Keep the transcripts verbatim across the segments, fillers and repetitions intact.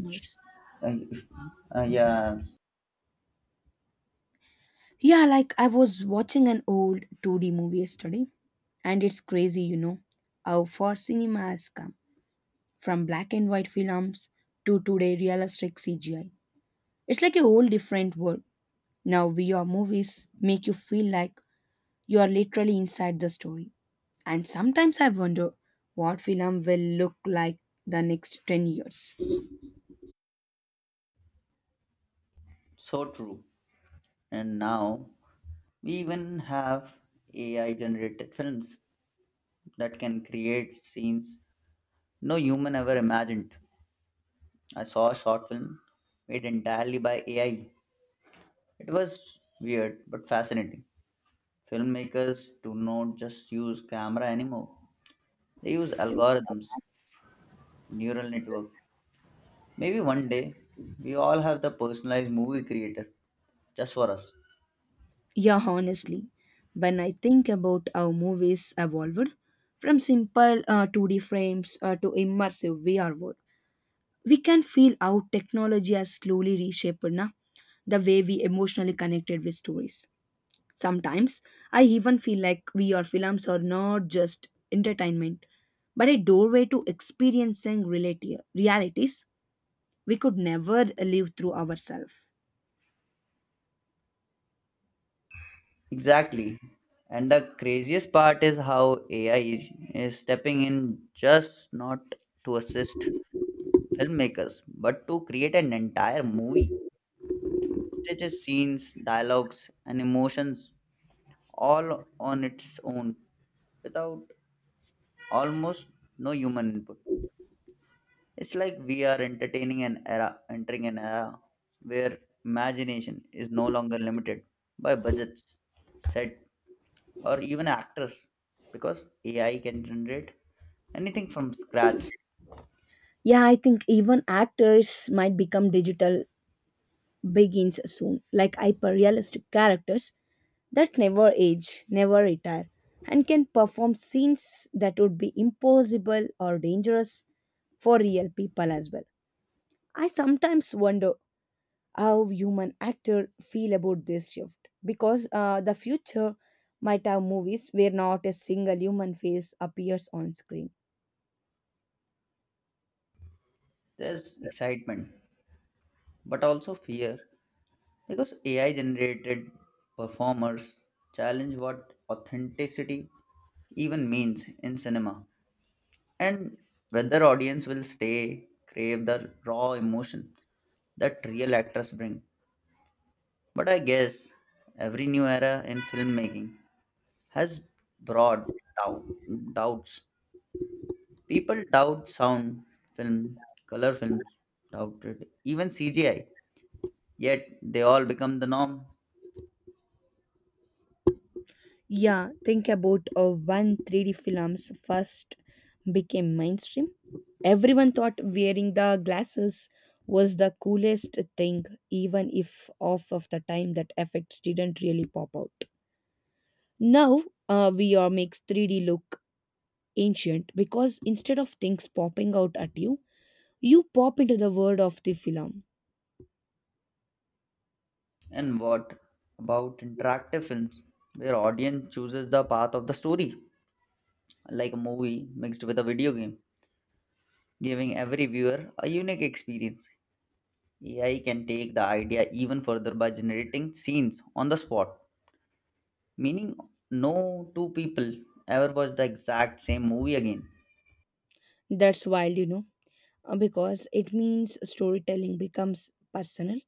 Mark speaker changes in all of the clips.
Speaker 1: Uh,
Speaker 2: Nice.
Speaker 1: uh, yeah,
Speaker 2: Yeah, like I was watching an old two D movie yesterday, and it's crazy, you know, how far cinema has come from black and white films to today realistic C G I. It's like a whole different world. Now, V R movies make you feel like you are literally inside the story. And sometimes I wonder what film will look like the next ten years.
Speaker 1: so true. And now we even have A I generated films that can create scenes no human ever imagined. I saw a short film made entirely by A I. It was weird but fascinating. Filmmakers do not just use camera anymore, they use algorithms, neural network. Maybe one day we all have the personalized movie creator just for us.
Speaker 2: Yeah, honestly, when I think about how movies evolved from simple uh, two D frames uh, to immersive V R world, we can feel how technology has slowly reshaped na, the way we emotionally connected with stories. Sometimes I even feel like V R films are not just entertainment, but a doorway to experiencing reality, realities we could never live through ourselves.
Speaker 1: Exactly. And the craziest part is how A I is, is stepping in just not to assist filmmakers, but to create an entire movie. Stitches scenes, dialogues, and emotions all on its own without almost no human input. It's like we are entertaining an era, entering an era where imagination is no longer limited by budgets, set or even actors because A I can generate anything from scratch.
Speaker 2: Yeah, I think even actors might become digital begins soon, like hyper realistic characters that never age, never retire, and can perform scenes that would be impossible or dangerous for real people as well. I sometimes wonder how human actor feel about this shift because uh, the future might have movies where not a single human face appears on screen.
Speaker 1: There's excitement, but also fear because A I generated performers challenge what authenticity even means in cinema and whether audience will stay crave the raw emotion that real actors bring. But I guess every new era in filmmaking has brought doubt, doubts. People doubt sound, film, color film, doubted, even C G I, yet they all become the norm.
Speaker 2: Yeah, think about uh, when three D films first became mainstream. Everyone thought wearing the glasses was the coolest thing, even if off of the time that effects didn't really pop out. Now, uh, V R makes three D look ancient because instead of things popping out at you, you pop into the world of the film.
Speaker 1: And what about interactive films, where audience chooses the path of the story, like a movie mixed with a video game, giving every viewer a unique experience. A I can take the idea even further by generating scenes on the spot, meaning no two people ever watch the exact same movie again.
Speaker 2: That's wild, you know, uh, because it means storytelling becomes personal,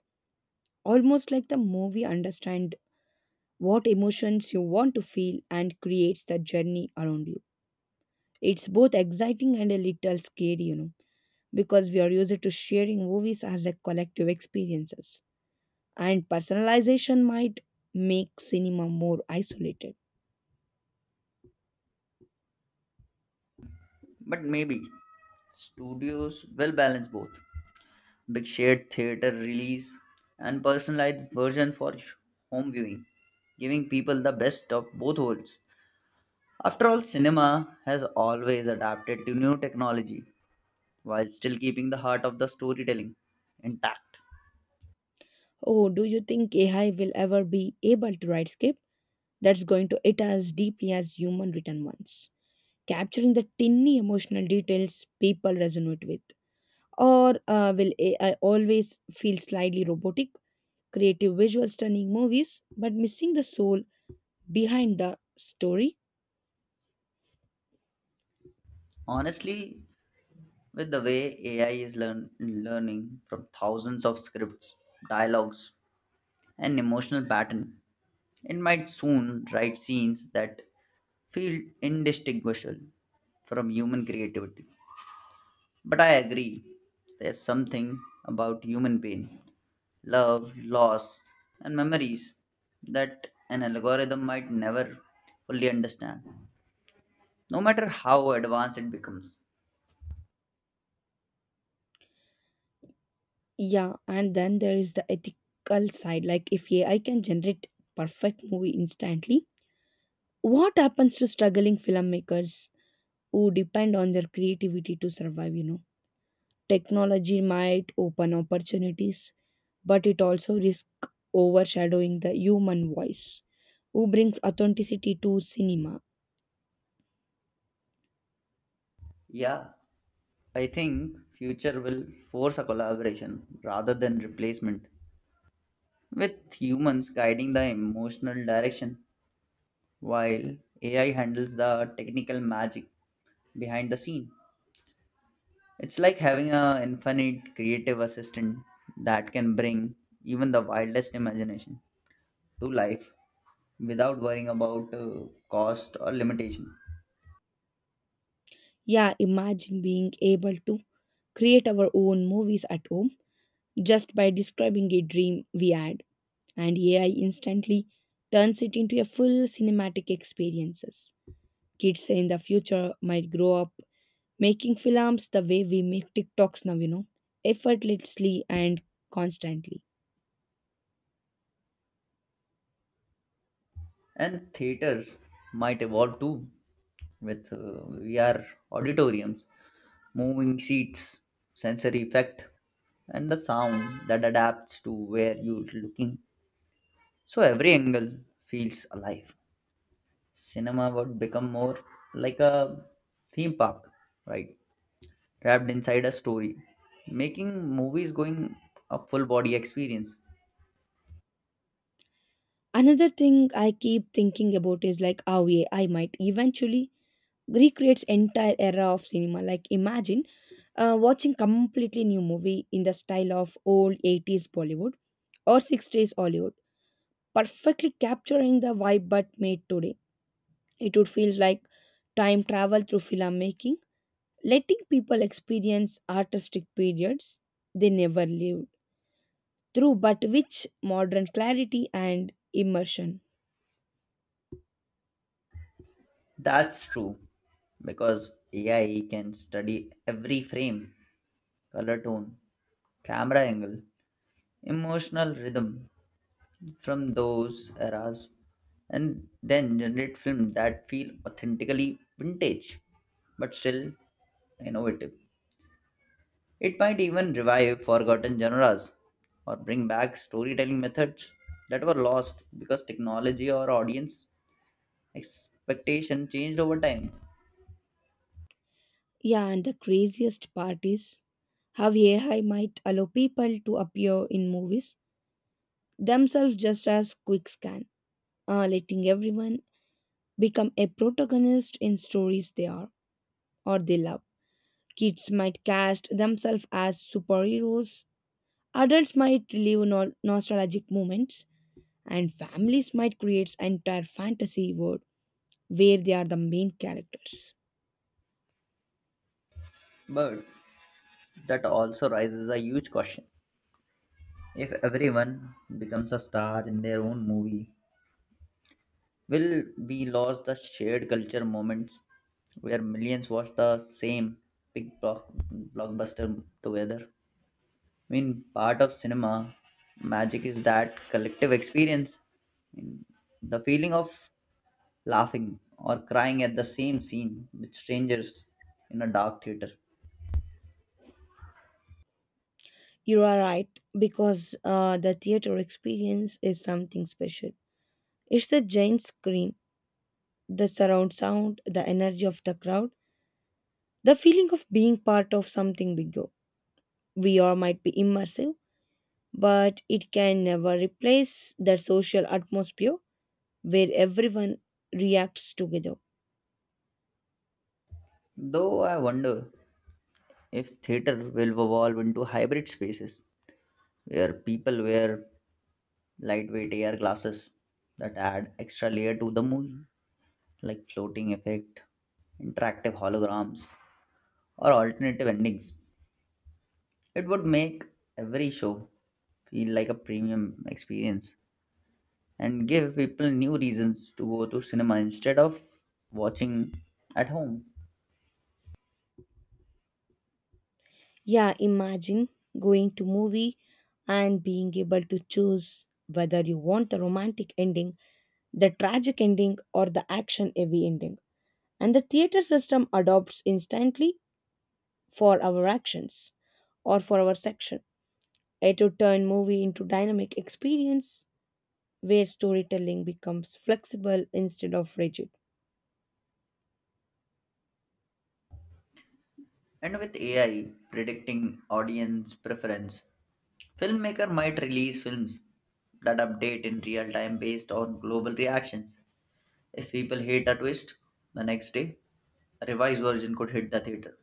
Speaker 2: almost like the movie understand what emotions you want to feel and creates the journey around you. It's both exciting and a little scary, you know, because we are used to sharing movies as a collective experiences. And personalization might make cinema more isolated.
Speaker 1: But maybe studios will balance both big shared theater release, and personalized version for home viewing, giving people the best of both worlds. After all, cinema has always adapted to new technology while still keeping the heart of the storytelling intact.
Speaker 2: Oh, do you think A I will ever be able to write script that's going to it as deeply as human written ones? Capturing the tiny emotional details people resonate with? Or uh, will A I always feel slightly robotic, creative visual stunning movies but missing the soul behind the story?
Speaker 1: Honestly, with the way A I is learn- learning from thousands of scripts, dialogues, and emotional pattern, it might soon write scenes that feel indistinguishable from human creativity. But I agree, there's something about human pain, love, loss, and memories that an algorithm might never fully understand, no matter how advanced it becomes.
Speaker 2: Yeah, and then there is the ethical side, like if AI can generate perfect movie instantly, what happens to struggling filmmakers who depend on their creativity to survive? you know technology might open opportunities, but it also risks overshadowing the human voice who brings authenticity to cinema.
Speaker 1: Yeah, I think future will force a collaboration rather than replacement, with humans guiding the emotional direction while A I handles the technical magic behind the scene. It's like having an infinite creative assistant that can bring even the wildest imagination to life without worrying about uh, cost or limitation.
Speaker 2: Yeah, imagine being able to create our own movies at home just by describing a dream we had, and A I instantly turns it into a full cinematic experiences. Kids in the future might grow up making films the way we make TikToks now, you know, effortlessly and constantly.
Speaker 1: And theaters might evolve too with uh, V R auditoriums, moving seats, sensory effect, and the sound that adapts to where you're looking. So every angle feels alive. Cinema would become more like a theme park, right? Wrapped inside a story, making movies going a full body experience.
Speaker 2: Another thing I keep thinking about is like how A I might eventually recreates entire era of cinema, like imagine uh, watching completely new movie in the style of old eighties bollywood or sixties hollywood, perfectly capturing the vibe but made today. It would feel like time travel through filmmaking, letting people experience artistic periods they never lived through, but which modern clarity and immersion.
Speaker 1: That's true because A I can study every frame, color tone, camera angle, emotional rhythm from those eras and then generate films that feel authentically vintage but still innovative. It might even revive forgotten genres or bring back storytelling methods that were lost because technology or audience expectation changed over time.
Speaker 2: Yeah, and the craziest part is how A I might allow people to appear in movies themselves just as quick scan, uh, letting everyone become a protagonist in stories they are or they love. Kids might cast themselves as superheroes, adults might relive no- nostalgic moments, and families might create an entire fantasy world where they are the main characters.
Speaker 1: But that also raises a huge question. If everyone becomes a star in their own movie, will we lose the shared culture moments where millions watch the same big block, blockbuster together? I mean, part of cinema magic is that collective experience. I mean, the feeling of laughing or crying at the same scene with strangers in a dark theater.
Speaker 2: You are right, because uh, the theater experience is something special. It's the giant screen, the surround sound, the energy of the crowd, the feeling of being part of something bigger. V R might be immersive, but it can never replace the social atmosphere where everyone reacts together.
Speaker 1: Though I wonder if theater will evolve into hybrid spaces where people wear lightweight A R glasses that add extra layer to the movie, like floating effect, interactive holograms, or alternative endings. It would make every show feel like a premium experience and give people new reasons to go to cinema instead of watching at home.
Speaker 2: Yeah, imagine going to movie and being able to choose whether you want the romantic ending, the tragic ending or the action heavy ending. And the theater system adopts instantly for our actions or for our section. It would turn movie into dynamic experience where storytelling becomes flexible instead of rigid.
Speaker 1: And with A I predicting audience preference, filmmaker might release films that update in real time based on global reactions. If people hate a twist, the next day a revised version could hit the theater.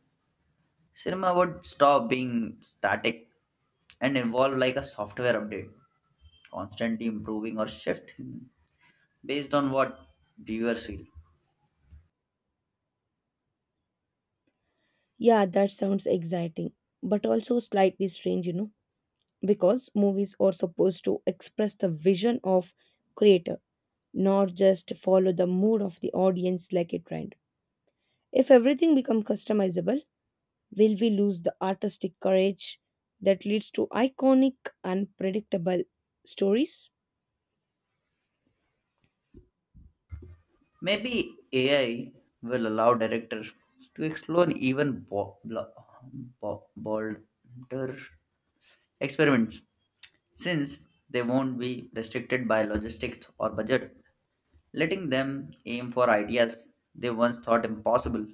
Speaker 1: Cinema would stop being static and evolve like a software update, constantly improving or shifting based on what viewers feel.
Speaker 2: Yeah, that sounds exciting, but also slightly strange, you know. Because movies are supposed to express the vision of creator, not just follow the mood of the audience like a trend. If everything becomes customizable, will we lose the artistic courage that leads to iconic unpredictable stories?
Speaker 1: Maybe A I will allow directors to explore even bo- blo- bo- bolder experiments since they won't be restricted by logistics or budget, letting them aim for ideas they once thought impossible.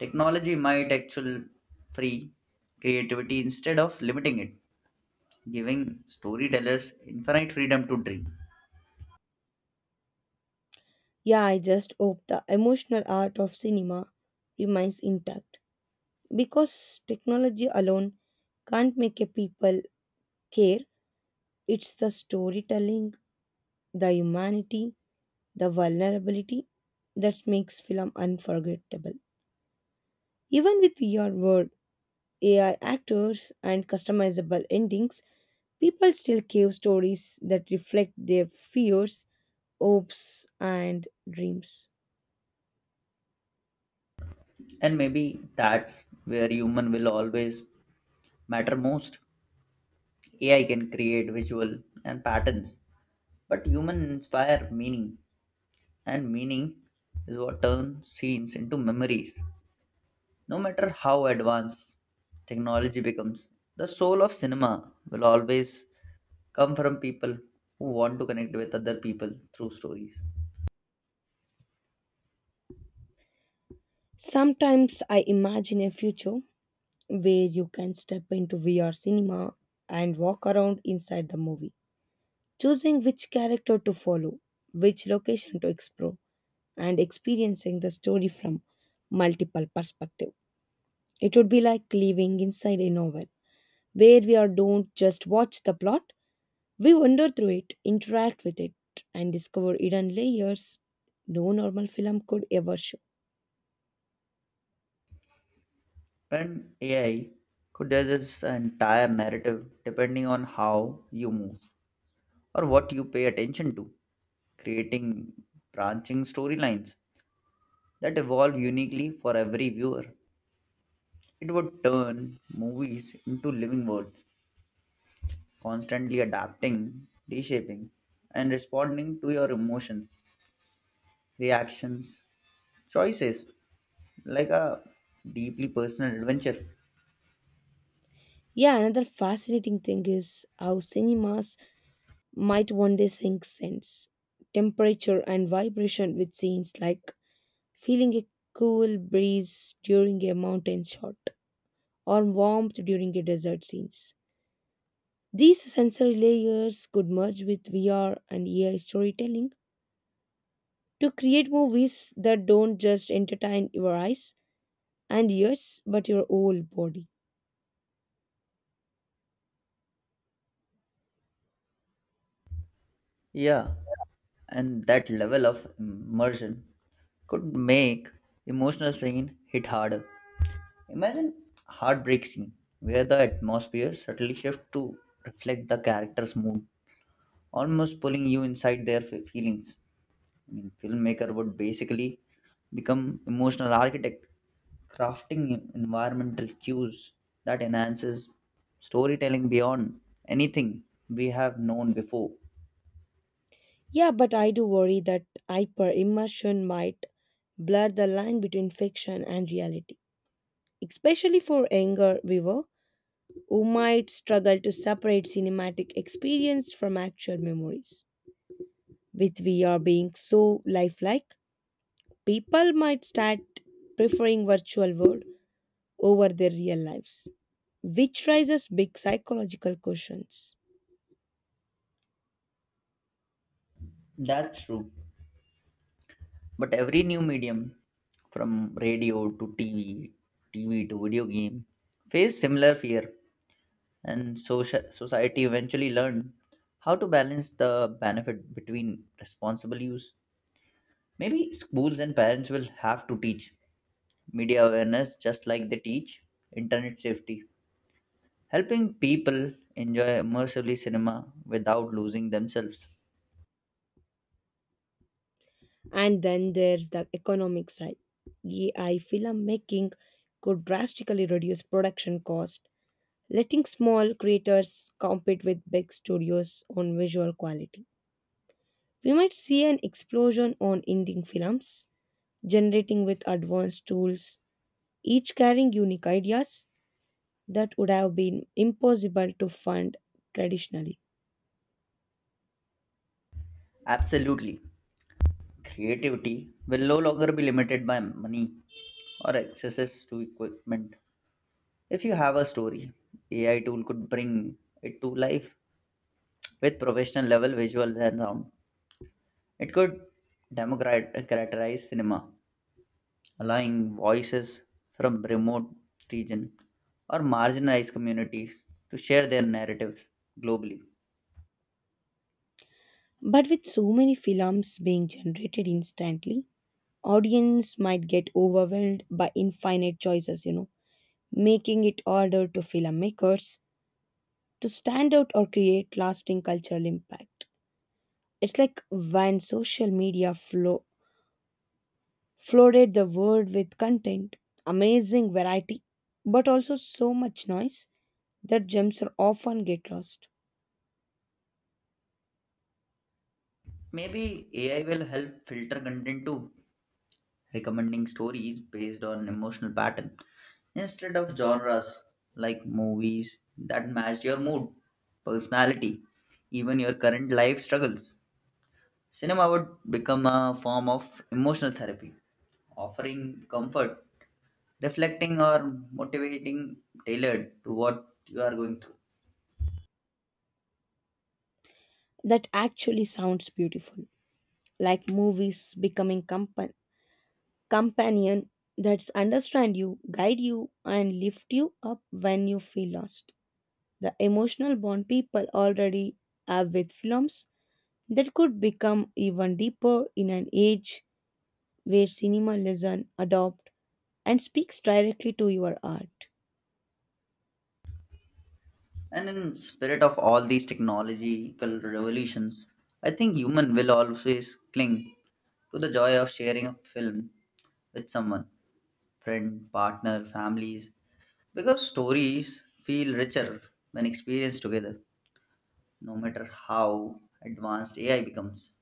Speaker 1: Technology might actually free creativity instead of limiting it, giving storytellers infinite freedom to dream.
Speaker 2: Yeah, I just hope the emotional art of cinema remains intact, because technology alone can't make a people care. It's the storytelling, the humanity, the vulnerability that makes film unforgettable. Even with V R, word, A I actors and customizable endings, people still crave stories that reflect their fears, hopes, and dreams.
Speaker 1: And maybe that's where human will always matter most. A I can create visual and patterns, but human inspire meaning, and meaning is what turns scenes into memories. No matter how advanced technology becomes, the soul of cinema will always come from people who want to connect with other people through stories.
Speaker 2: Sometimes I imagine a future where you can step into V R cinema and walk around inside the movie, choosing which character to follow, which location to explore, and experiencing the story from multiple perspectives. It would be like living inside a novel, where we are don't just watch the plot, we wander through it, interact with it, and discover hidden layers no normal film could ever show.
Speaker 1: And A I could digest the entire narrative depending on how you move or what you pay attention to, creating branching storylines that evolve uniquely for every viewer. It would turn movies into living worlds constantly adapting, reshaping, and responding to your emotions, reactions, choices like a deeply personal adventure.
Speaker 2: Yeah, another fascinating thing is how cinemas might one day sync sense, temperature, and vibration with scenes like feeling a cool breeze during a mountain shot or warmth during a desert scenes. These sensory layers could merge with V R and A I storytelling to create movies that don't just entertain your eyes and ears but your whole body.
Speaker 1: Yeah, and that level of immersion could make emotional scene hit harder. Imagine heartbreak scene where the atmosphere subtly shifts to reflect the character's mood, almost pulling you inside their fe- feelings. I mean, filmmaker would basically become emotional architect, crafting environmental cues that enhances storytelling beyond anything we have known before.
Speaker 2: Yeah, but I do worry that hyper immersion might blur the line between fiction and reality, especially for younger viewer who might struggle to separate cinematic experience from actual memories. With V R being so lifelike, people might start preferring virtual world over their real lives, which raises big psychological questions.
Speaker 1: That's true. But every new medium, from radio to T V, T V to video game, faced similar fear, and socia- society eventually learned how to balance the benefit between responsible use. Maybe schools and parents will have to teach media awareness, just like they teach internet safety, helping people enjoy immersively cinema without losing themselves.
Speaker 2: And then there's the economic side. A I filmmaking could drastically reduce production cost, letting small creators compete with big studios on visual quality. We might see an explosion on indie films, generating with advanced tools, each carrying unique ideas that would have been impossible to fund traditionally.
Speaker 1: Absolutely. Creativity will no longer be limited by money or access to equipment. If you have a story, A I tool could bring it to life with professional level visuals and sound. It could democratize cinema allowing voices from remote regions or marginalized communities to share their narratives globally.
Speaker 2: But with so many films being generated instantly, audience might get overwhelmed by infinite choices, you know, making it harder to filmmakers to stand out or create lasting cultural impact. It's like when social media flo- flooded the world with content, amazing variety, but also so much noise that gems are often get lost.
Speaker 1: Maybe A I will help filter content too, recommending stories based on emotional pattern instead of genres like movies that match your mood, personality, even your current life struggles. Cinema would become a form of emotional therapy, offering comfort reflecting or motivating tailored to what you are going through.
Speaker 2: That actually sounds beautiful, like movies becoming comp- companion that's understand you, guide you and lift you up when you feel lost. The emotional bond people already have with films, that could become even deeper in an age where cinema listen, adopt and speaks directly to your art.
Speaker 1: And in spirit of all these technological revolutions, I think human will always cling to the joy of sharing a film with someone, friend, partner, families, because stories feel richer when experienced together, no matter how advanced AI becomes.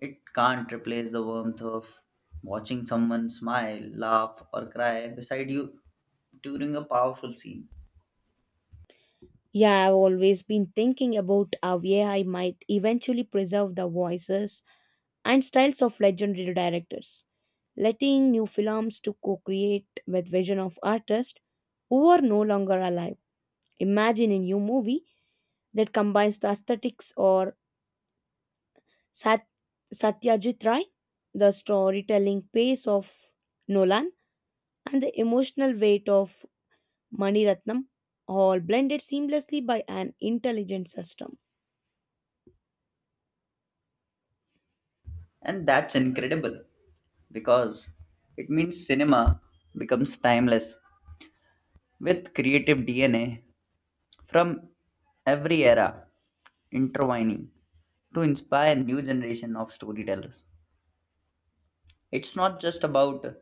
Speaker 1: It can't replace the warmth of watching someone smile, laugh, or cry beside you during a powerful scene.
Speaker 2: Yeah, I've always been thinking about how A I might eventually preserve the voices and styles of legendary directors, letting new films to co-create with vision of artists who are no longer alive. Imagine a new movie that combines the aesthetics or Sat- Satyajit Ray, the storytelling pace of Nolan, and the emotional weight of Mani Ratnam, all blended seamlessly by an intelligent system.
Speaker 1: And that's incredible because it means cinema becomes timeless with creative D N A from every era intertwining to inspire new generation of storytellers. It's not just about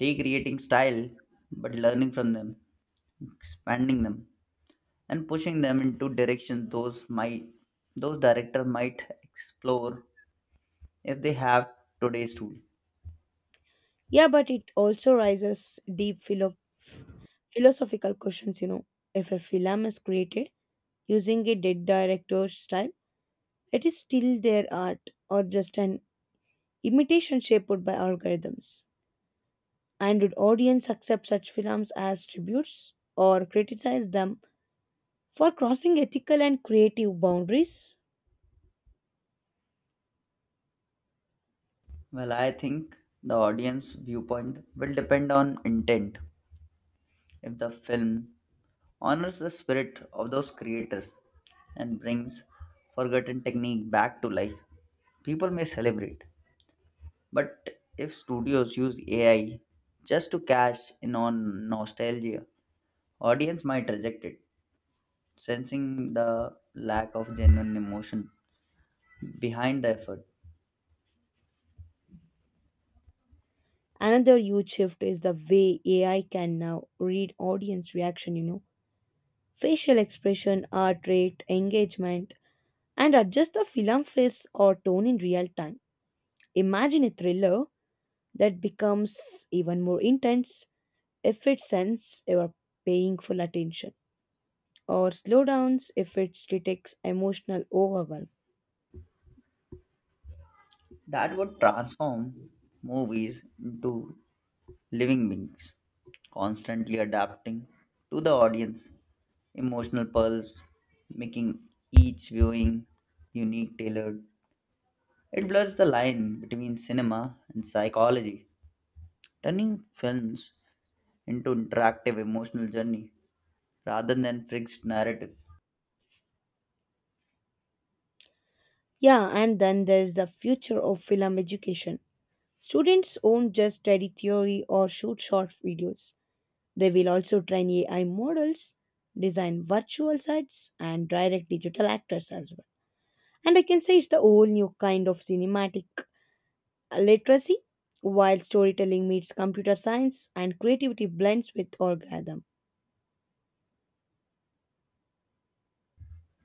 Speaker 1: recreating style but learning from them, expanding them and pushing them into directions those might those director might explore if they have today's tool.
Speaker 2: Yeah, but it also raises deep philo- f- philosophical questions. You know, if a film is created using a dead director's style, it is still their art or just an imitation shaped by algorithms? And would audience accept such films as tributes or criticize them for crossing ethical and creative boundaries?
Speaker 1: Well, I think the audience viewpoint will depend on intent. If the film honors the spirit of those creators and brings forgotten technique back to life, people may celebrate. But if studios use A I just to cash in on nostalgia, audience might reject it, sensing the lack of genuine emotion behind the effort.
Speaker 2: Another huge shift is the way A I can now read audience reaction, you know. Facial expression, heart rate, engagement, and adjust the film face or tone in real time. Imagine a thriller that becomes even more intense if it senses you are paying full attention, or slowdowns if it detects emotional overwhelm.
Speaker 1: That would transform movies into living beings constantly adapting to the audience emotional pulse, making each viewing unique tailored. It blurs the line between cinema and psychology, turning films into interactive emotional journey rather than fixed narrative.
Speaker 2: Yeah, and then there's the future of film education. Students won't just study theory or shoot short videos. They will also train A I models, design virtual sets, and direct digital actors as well. And I can say it's the whole new kind of cinematic literacy, while storytelling meets computer science and creativity blends with algorithm.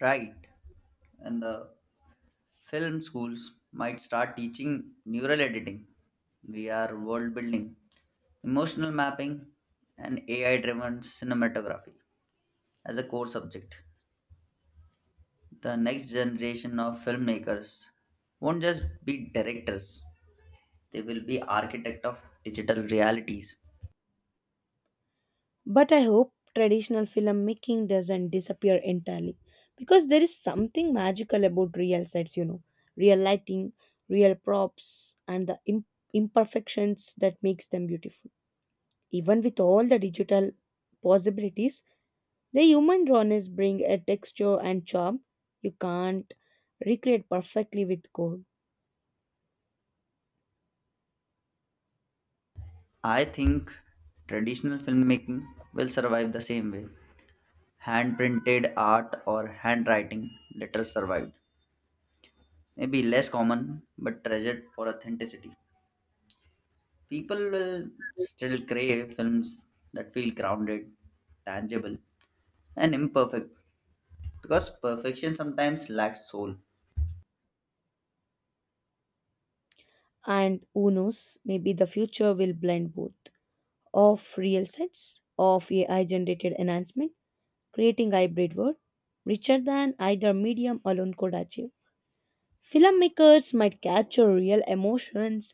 Speaker 1: Right. And the film schools might start teaching neural editing, V R world building, emotional mapping, and A I driven cinematography as a core subject. The next generation of filmmakers won't just be directors, they will be architect of digital realities.
Speaker 2: But I hope traditional filmmaking doesn't disappear entirely, because there is something magical about real sets, you know, real lighting, real props, and the im- imperfections that makes them beautiful. Even with all the digital possibilities, the human rawness bring a texture and charm you can't recreate perfectly with code.
Speaker 1: I think traditional filmmaking will survive the same way. Hand printed art or handwriting letters survived. Maybe less common, but treasured for authenticity. People will still crave films that feel grounded, tangible, and imperfect because perfection sometimes lacks soul.
Speaker 2: And who knows, maybe the future will blend both of real sets of A I generated enhancement, creating hybrid work richer than either medium alone could achieve. Filmmakers might capture real emotions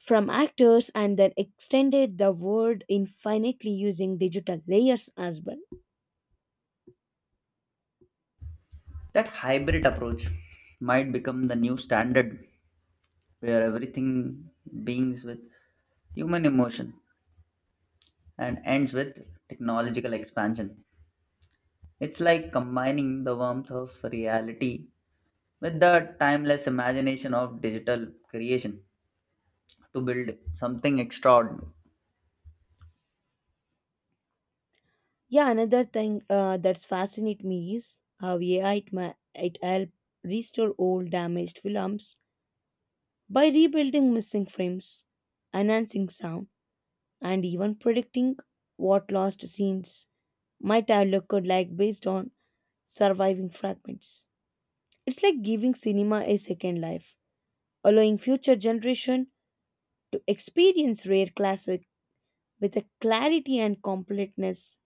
Speaker 2: from actors and then extended the word infinitely using digital layers as well.
Speaker 1: That hybrid approach might become the new standard where everything begins with human emotion and ends with technological expansion. It's like combining the warmth of reality with the timeless imagination of digital creation to build something extraordinary.
Speaker 2: Yeah, another thing uh, that's fascinate me is how A I it, ma- it help restore old damaged films by rebuilding missing frames, enhancing sound, and even predicting what lost scenes might have looked like based on surviving fragments. It's like giving cinema a second life, allowing future generation to experience rare classic with a clarity and completeness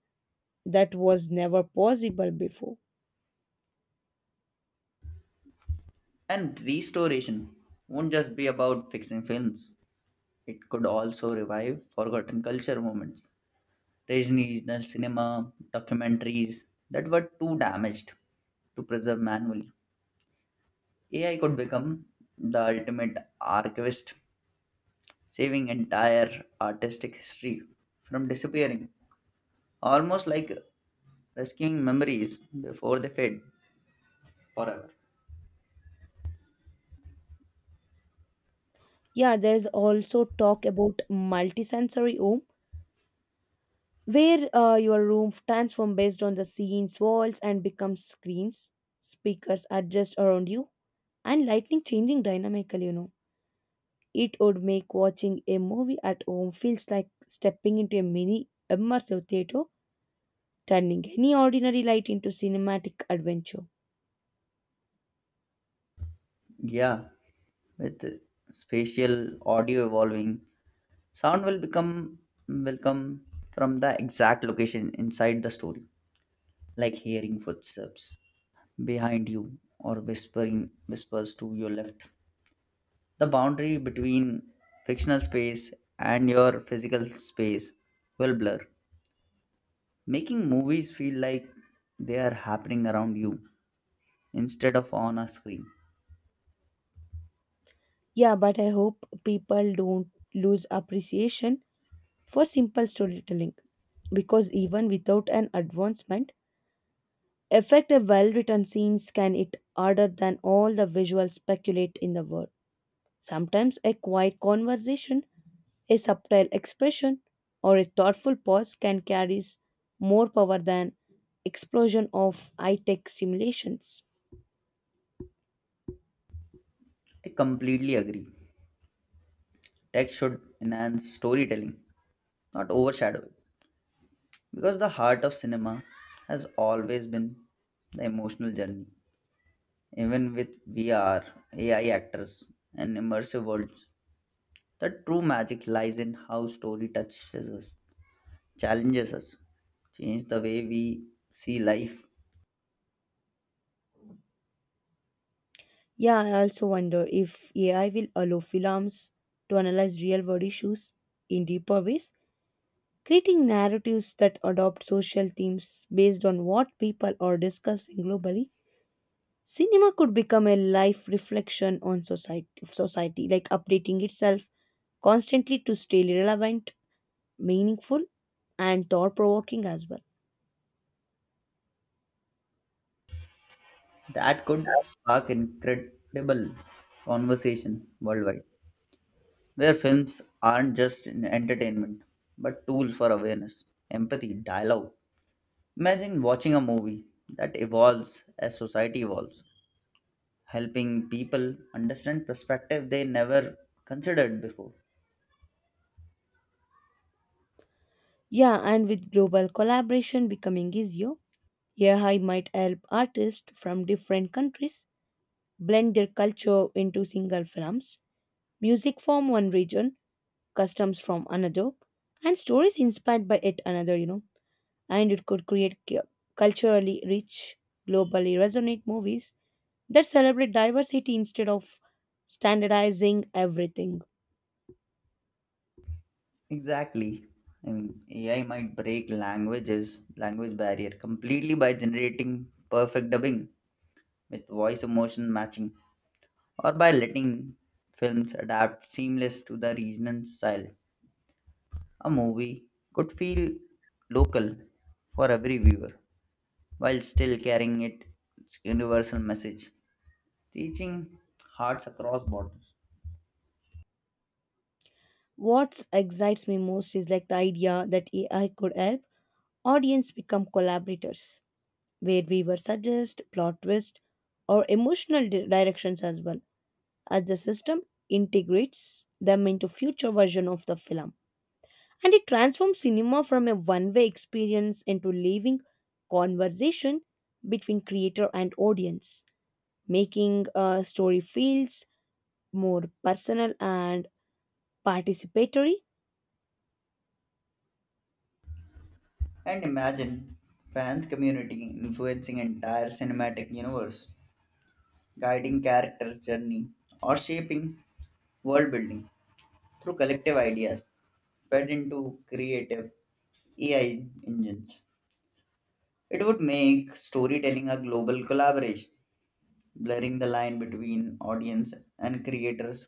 Speaker 2: that was never possible before.
Speaker 1: And restoration won't just be about fixing films. It could also revive forgotten culture moments, regional cinema, documentaries that were too damaged to preserve manually. A I could become the ultimate archivist, saving entire artistic history from disappearing, almost like rescuing memories before they fade forever.
Speaker 2: Yeah, there's also talk about multisensory home where uh, your room transforms based on the scenes, walls, and becomes screens. Speakers adjust around you, and lighting changing dynamically. You know, it would make watching a movie at home feels like stepping into a mini immersive theater, turning any ordinary light into cinematic adventure.
Speaker 1: Yeah, with spatial audio evolving, Sound will become will come from the exact location inside the story, like hearing footsteps behind you or whispering whispers to your left. The boundary between fictional space and your physical space will blur, making movies feel like they are happening around you instead of on a screen.
Speaker 2: Yeah, but I hope people don't lose appreciation for simple storytelling because even without an advancement effect a well written scenes can it harder than all the visual speculate in the world. Sometimes a quiet conversation, a subtle expression, or a thoughtful pause can carry more power than explosion of high-tech simulations.
Speaker 1: I completely agree. Text should enhance storytelling, not overshadow. Because the heart of cinema has always been the emotional journey. Even with V R, A I actors, and immersive worlds, the true magic lies in how story touches us, challenges us, changes the way we see life.
Speaker 2: Yeah, I also wonder if A I will allow films to analyze real-world issues in deeper ways, creating narratives that adopt social themes based on what people are discussing globally. Cinema could become a life reflection on society, society, like updating itself constantly to stay relevant, meaningful, and thought provoking as well.
Speaker 1: That could spark incredible conversation worldwide, where films aren't just an entertainment, but tools for awareness, empathy, dialogue. Imagine watching a movie that evolves as society evolves, helping people understand perspective they never considered before.
Speaker 2: Yeah, and with global collaboration becoming easier, A I might help artists from different countries blend their culture into single films, music from one region, customs from another, and stories inspired by it another, you know. And it could create cu- culturally rich, globally resonant movies that celebrate diversity instead of standardizing everything.
Speaker 1: Exactly. And A I might break languages, language barrier completely by generating perfect dubbing with voice emotion matching or by letting films adapt seamless to the regional style. A movie could feel local for every viewer while still carrying its universal message, reaching hearts across borders.
Speaker 2: What excites me most is like the idea that A I could help audience become collaborators, where we were suggest plot twist or emotional di- directions as well, as the system integrates them into future version of the film. And it transforms cinema from a one-way experience into living conversation between creator and audience, making a story feels more personal and participatory.
Speaker 1: And imagine fans community influencing entire cinematic universe, guiding characters' journey, or shaping world building through collective ideas fed into creative A I engines. It would make storytelling a global collaboration, blurring the line between audience and creators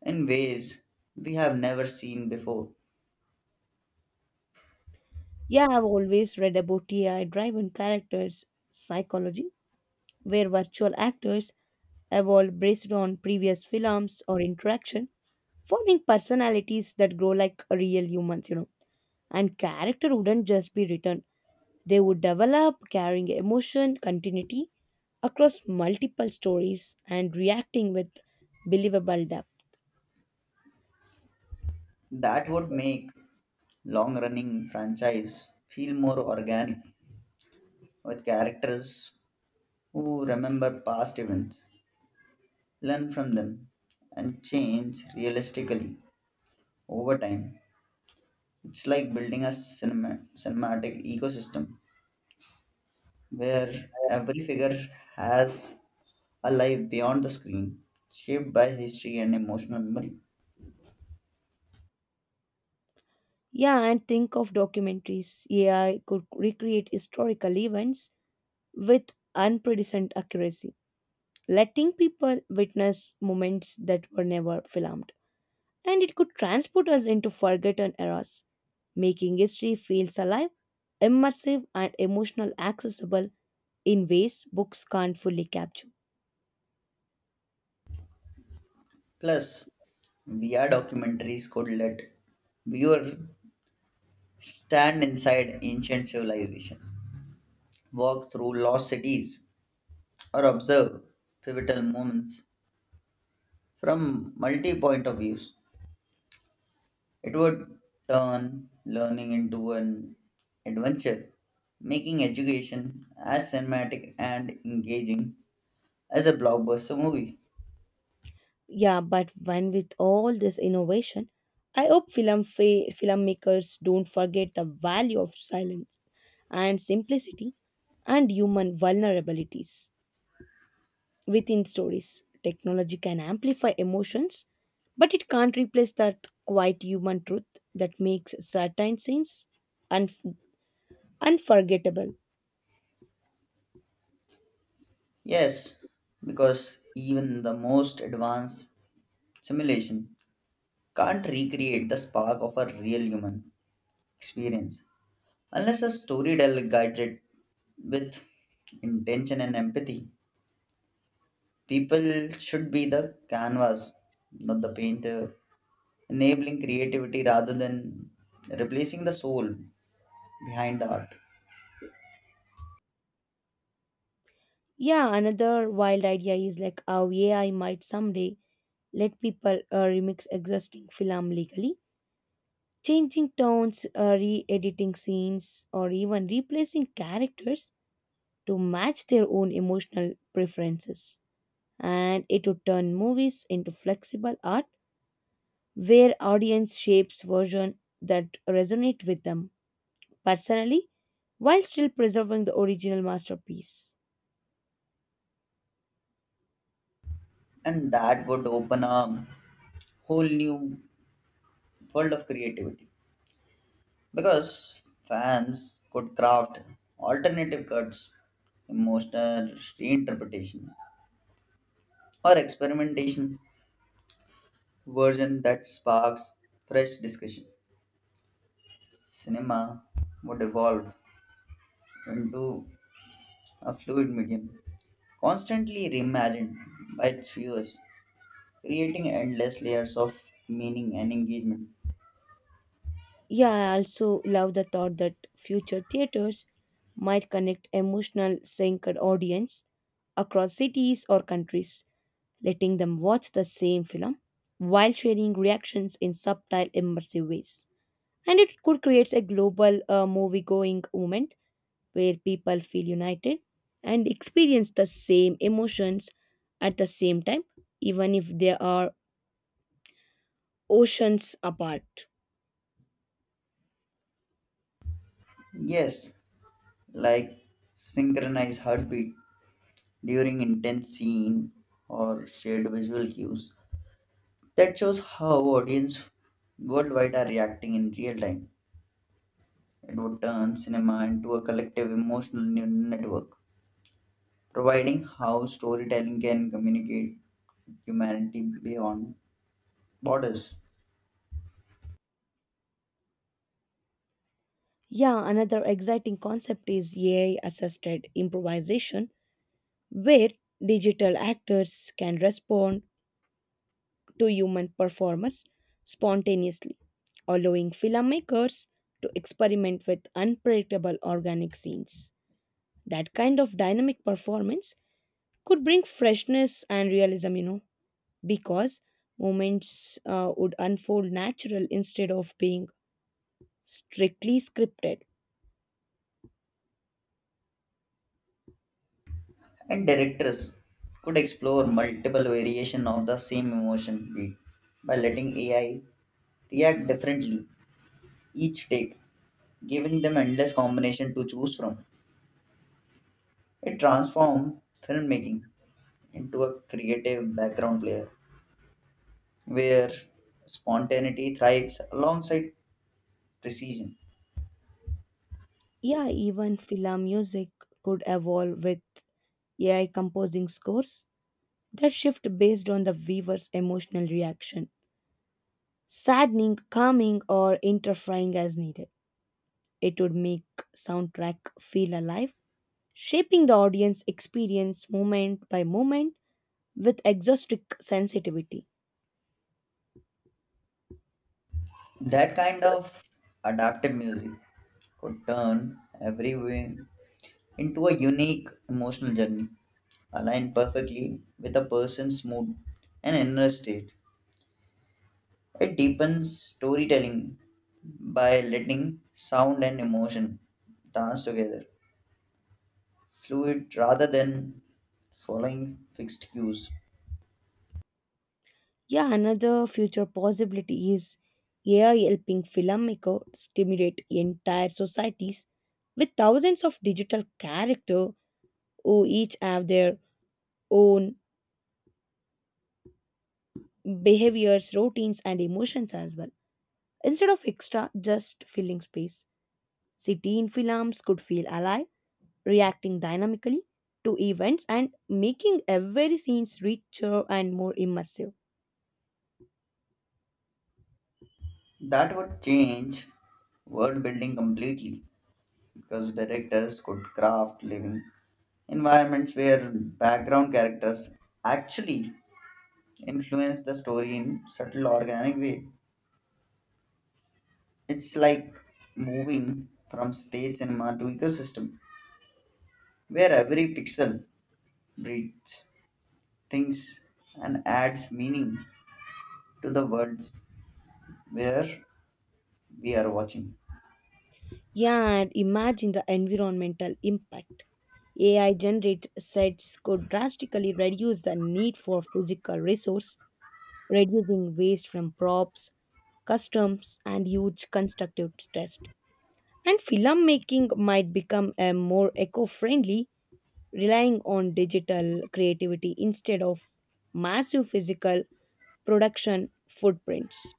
Speaker 1: in ways we have never seen before.
Speaker 2: Yeah, I've always read about A I driven characters psychology, where virtual actors evolve based on previous films or interaction, forming personalities that grow like real humans, you know. And character wouldn't just be written, they would develop carrying emotion, continuity across multiple stories, and reacting with believable depth.
Speaker 1: That would make long running franchise feel more organic with characters who remember past events, learn from them, and change realistically over time. It's like building a cinema, cinematic ecosystem where every figure has a life beyond the screen, shaped by history and emotional memory.
Speaker 2: Yeah, and think of documentaries. A I could recreate historical events with unprecedented accuracy, letting people witness moments that were never filmed. And it could transport us into forgotten eras, making history feels alive, immersive, and emotional accessible in ways books can't fully capture.
Speaker 1: Plus, V R documentaries could let viewer stand inside ancient civilization walk through lost cities, or observe pivotal moments from multi point of views. It would turn learning into an adventure, making education as cinematic and engaging as a blockbuster movie.
Speaker 2: Yeah, but when with all this innovation, I hope film fa- filmmakers don't forget the value of silence and simplicity and human vulnerabilities within stories. Technology can amplify emotions, but it can't replace that quiet human truth that makes certain scenes un- unforgettable.
Speaker 1: Yes, because even the most advanced simulation can't recreate the spark of a real human experience unless a storyteller guides it with intention and empathy. People should be the canvas, not the painter, enabling creativity rather than replacing the soul behind the art.
Speaker 2: Yeah, another wild idea is like how A I might someday let people uh, remix existing film legally, changing tones, uh, re editing scenes, or even replacing characters to match their own emotional preferences. And it would turn movies into flexible art where audience shapes version that resonate with them personally while still preserving the original masterpiece.
Speaker 1: And that would open a whole new world of creativity because fans could craft alternative cuts, emotional reinterpretation, or experimentation version that sparks fresh discussion. Cinema would evolve into a fluid medium, constantly reimagined by its viewers, creating endless layers of meaning and engagement.
Speaker 2: Yeah, I also love the thought that future theaters might connect emotional synced audience across cities or countries, letting them watch the same film while sharing reactions in subtle immersive ways. And it could create a global uh, movie going movement where people feel united and experience the same emotions at the same time, even if they are oceans apart.
Speaker 1: Yes, like synchronized heartbeat during intense scene or shared visual cues. That shows how audience worldwide are reacting in real time. It would turn cinema into a collective emotional ne- network, providing how storytelling can communicate humanity beyond borders.
Speaker 2: Yeah, another exciting concept is A I assisted improvisation, where digital actors can respond to human performance spontaneously, allowing filmmakers to experiment with unpredictable organic scenes. That kind of dynamic performance could bring freshness and realism, you know. Because moments uh, would unfold natural instead of being strictly scripted.
Speaker 1: And directors could explore multiple variation of the same emotion beat by letting A I react differently each take, giving them endless combination to choose from. It transformed filmmaking into a creative background player where spontaneity thrives alongside precision.
Speaker 2: Yeah, even film music could evolve with A I composing scores that shift based on the viewer's emotional reaction, saddening, calming, or interfering as needed. It would make soundtrack feel alive, shaping the audience experience moment by moment with exhaustive sensitivity.
Speaker 1: That kind of adaptive music could turn every win into a unique emotional journey aligned perfectly with a person's mood and inner state. It deepens storytelling by letting sound and emotion dance together, fluid rather than following fixed cues.
Speaker 2: Yeah, another future possibility is A I helping filmmakers stimulate entire societies with thousands of digital characters who each have their own behaviors, routines, and emotions as well. Instead of extra, just filling space. City in films could feel alive, reacting dynamically to events and making every scenes richer and more immersive.
Speaker 1: That would change world building completely because directors could craft living environments where background characters actually influence the story in subtle organic way. It's like moving from state cinema to ecosystem where every pixel breathes, thinks, and adds meaning to the words where we are watching.
Speaker 2: Yeah, and imagine the environmental impact. A I generated sets could drastically reduce the need for physical resource, reducing waste from props, customs, and huge constructive stress. And filmmaking might become a more eco-friendly, relying on digital creativity instead of massive physical production footprints.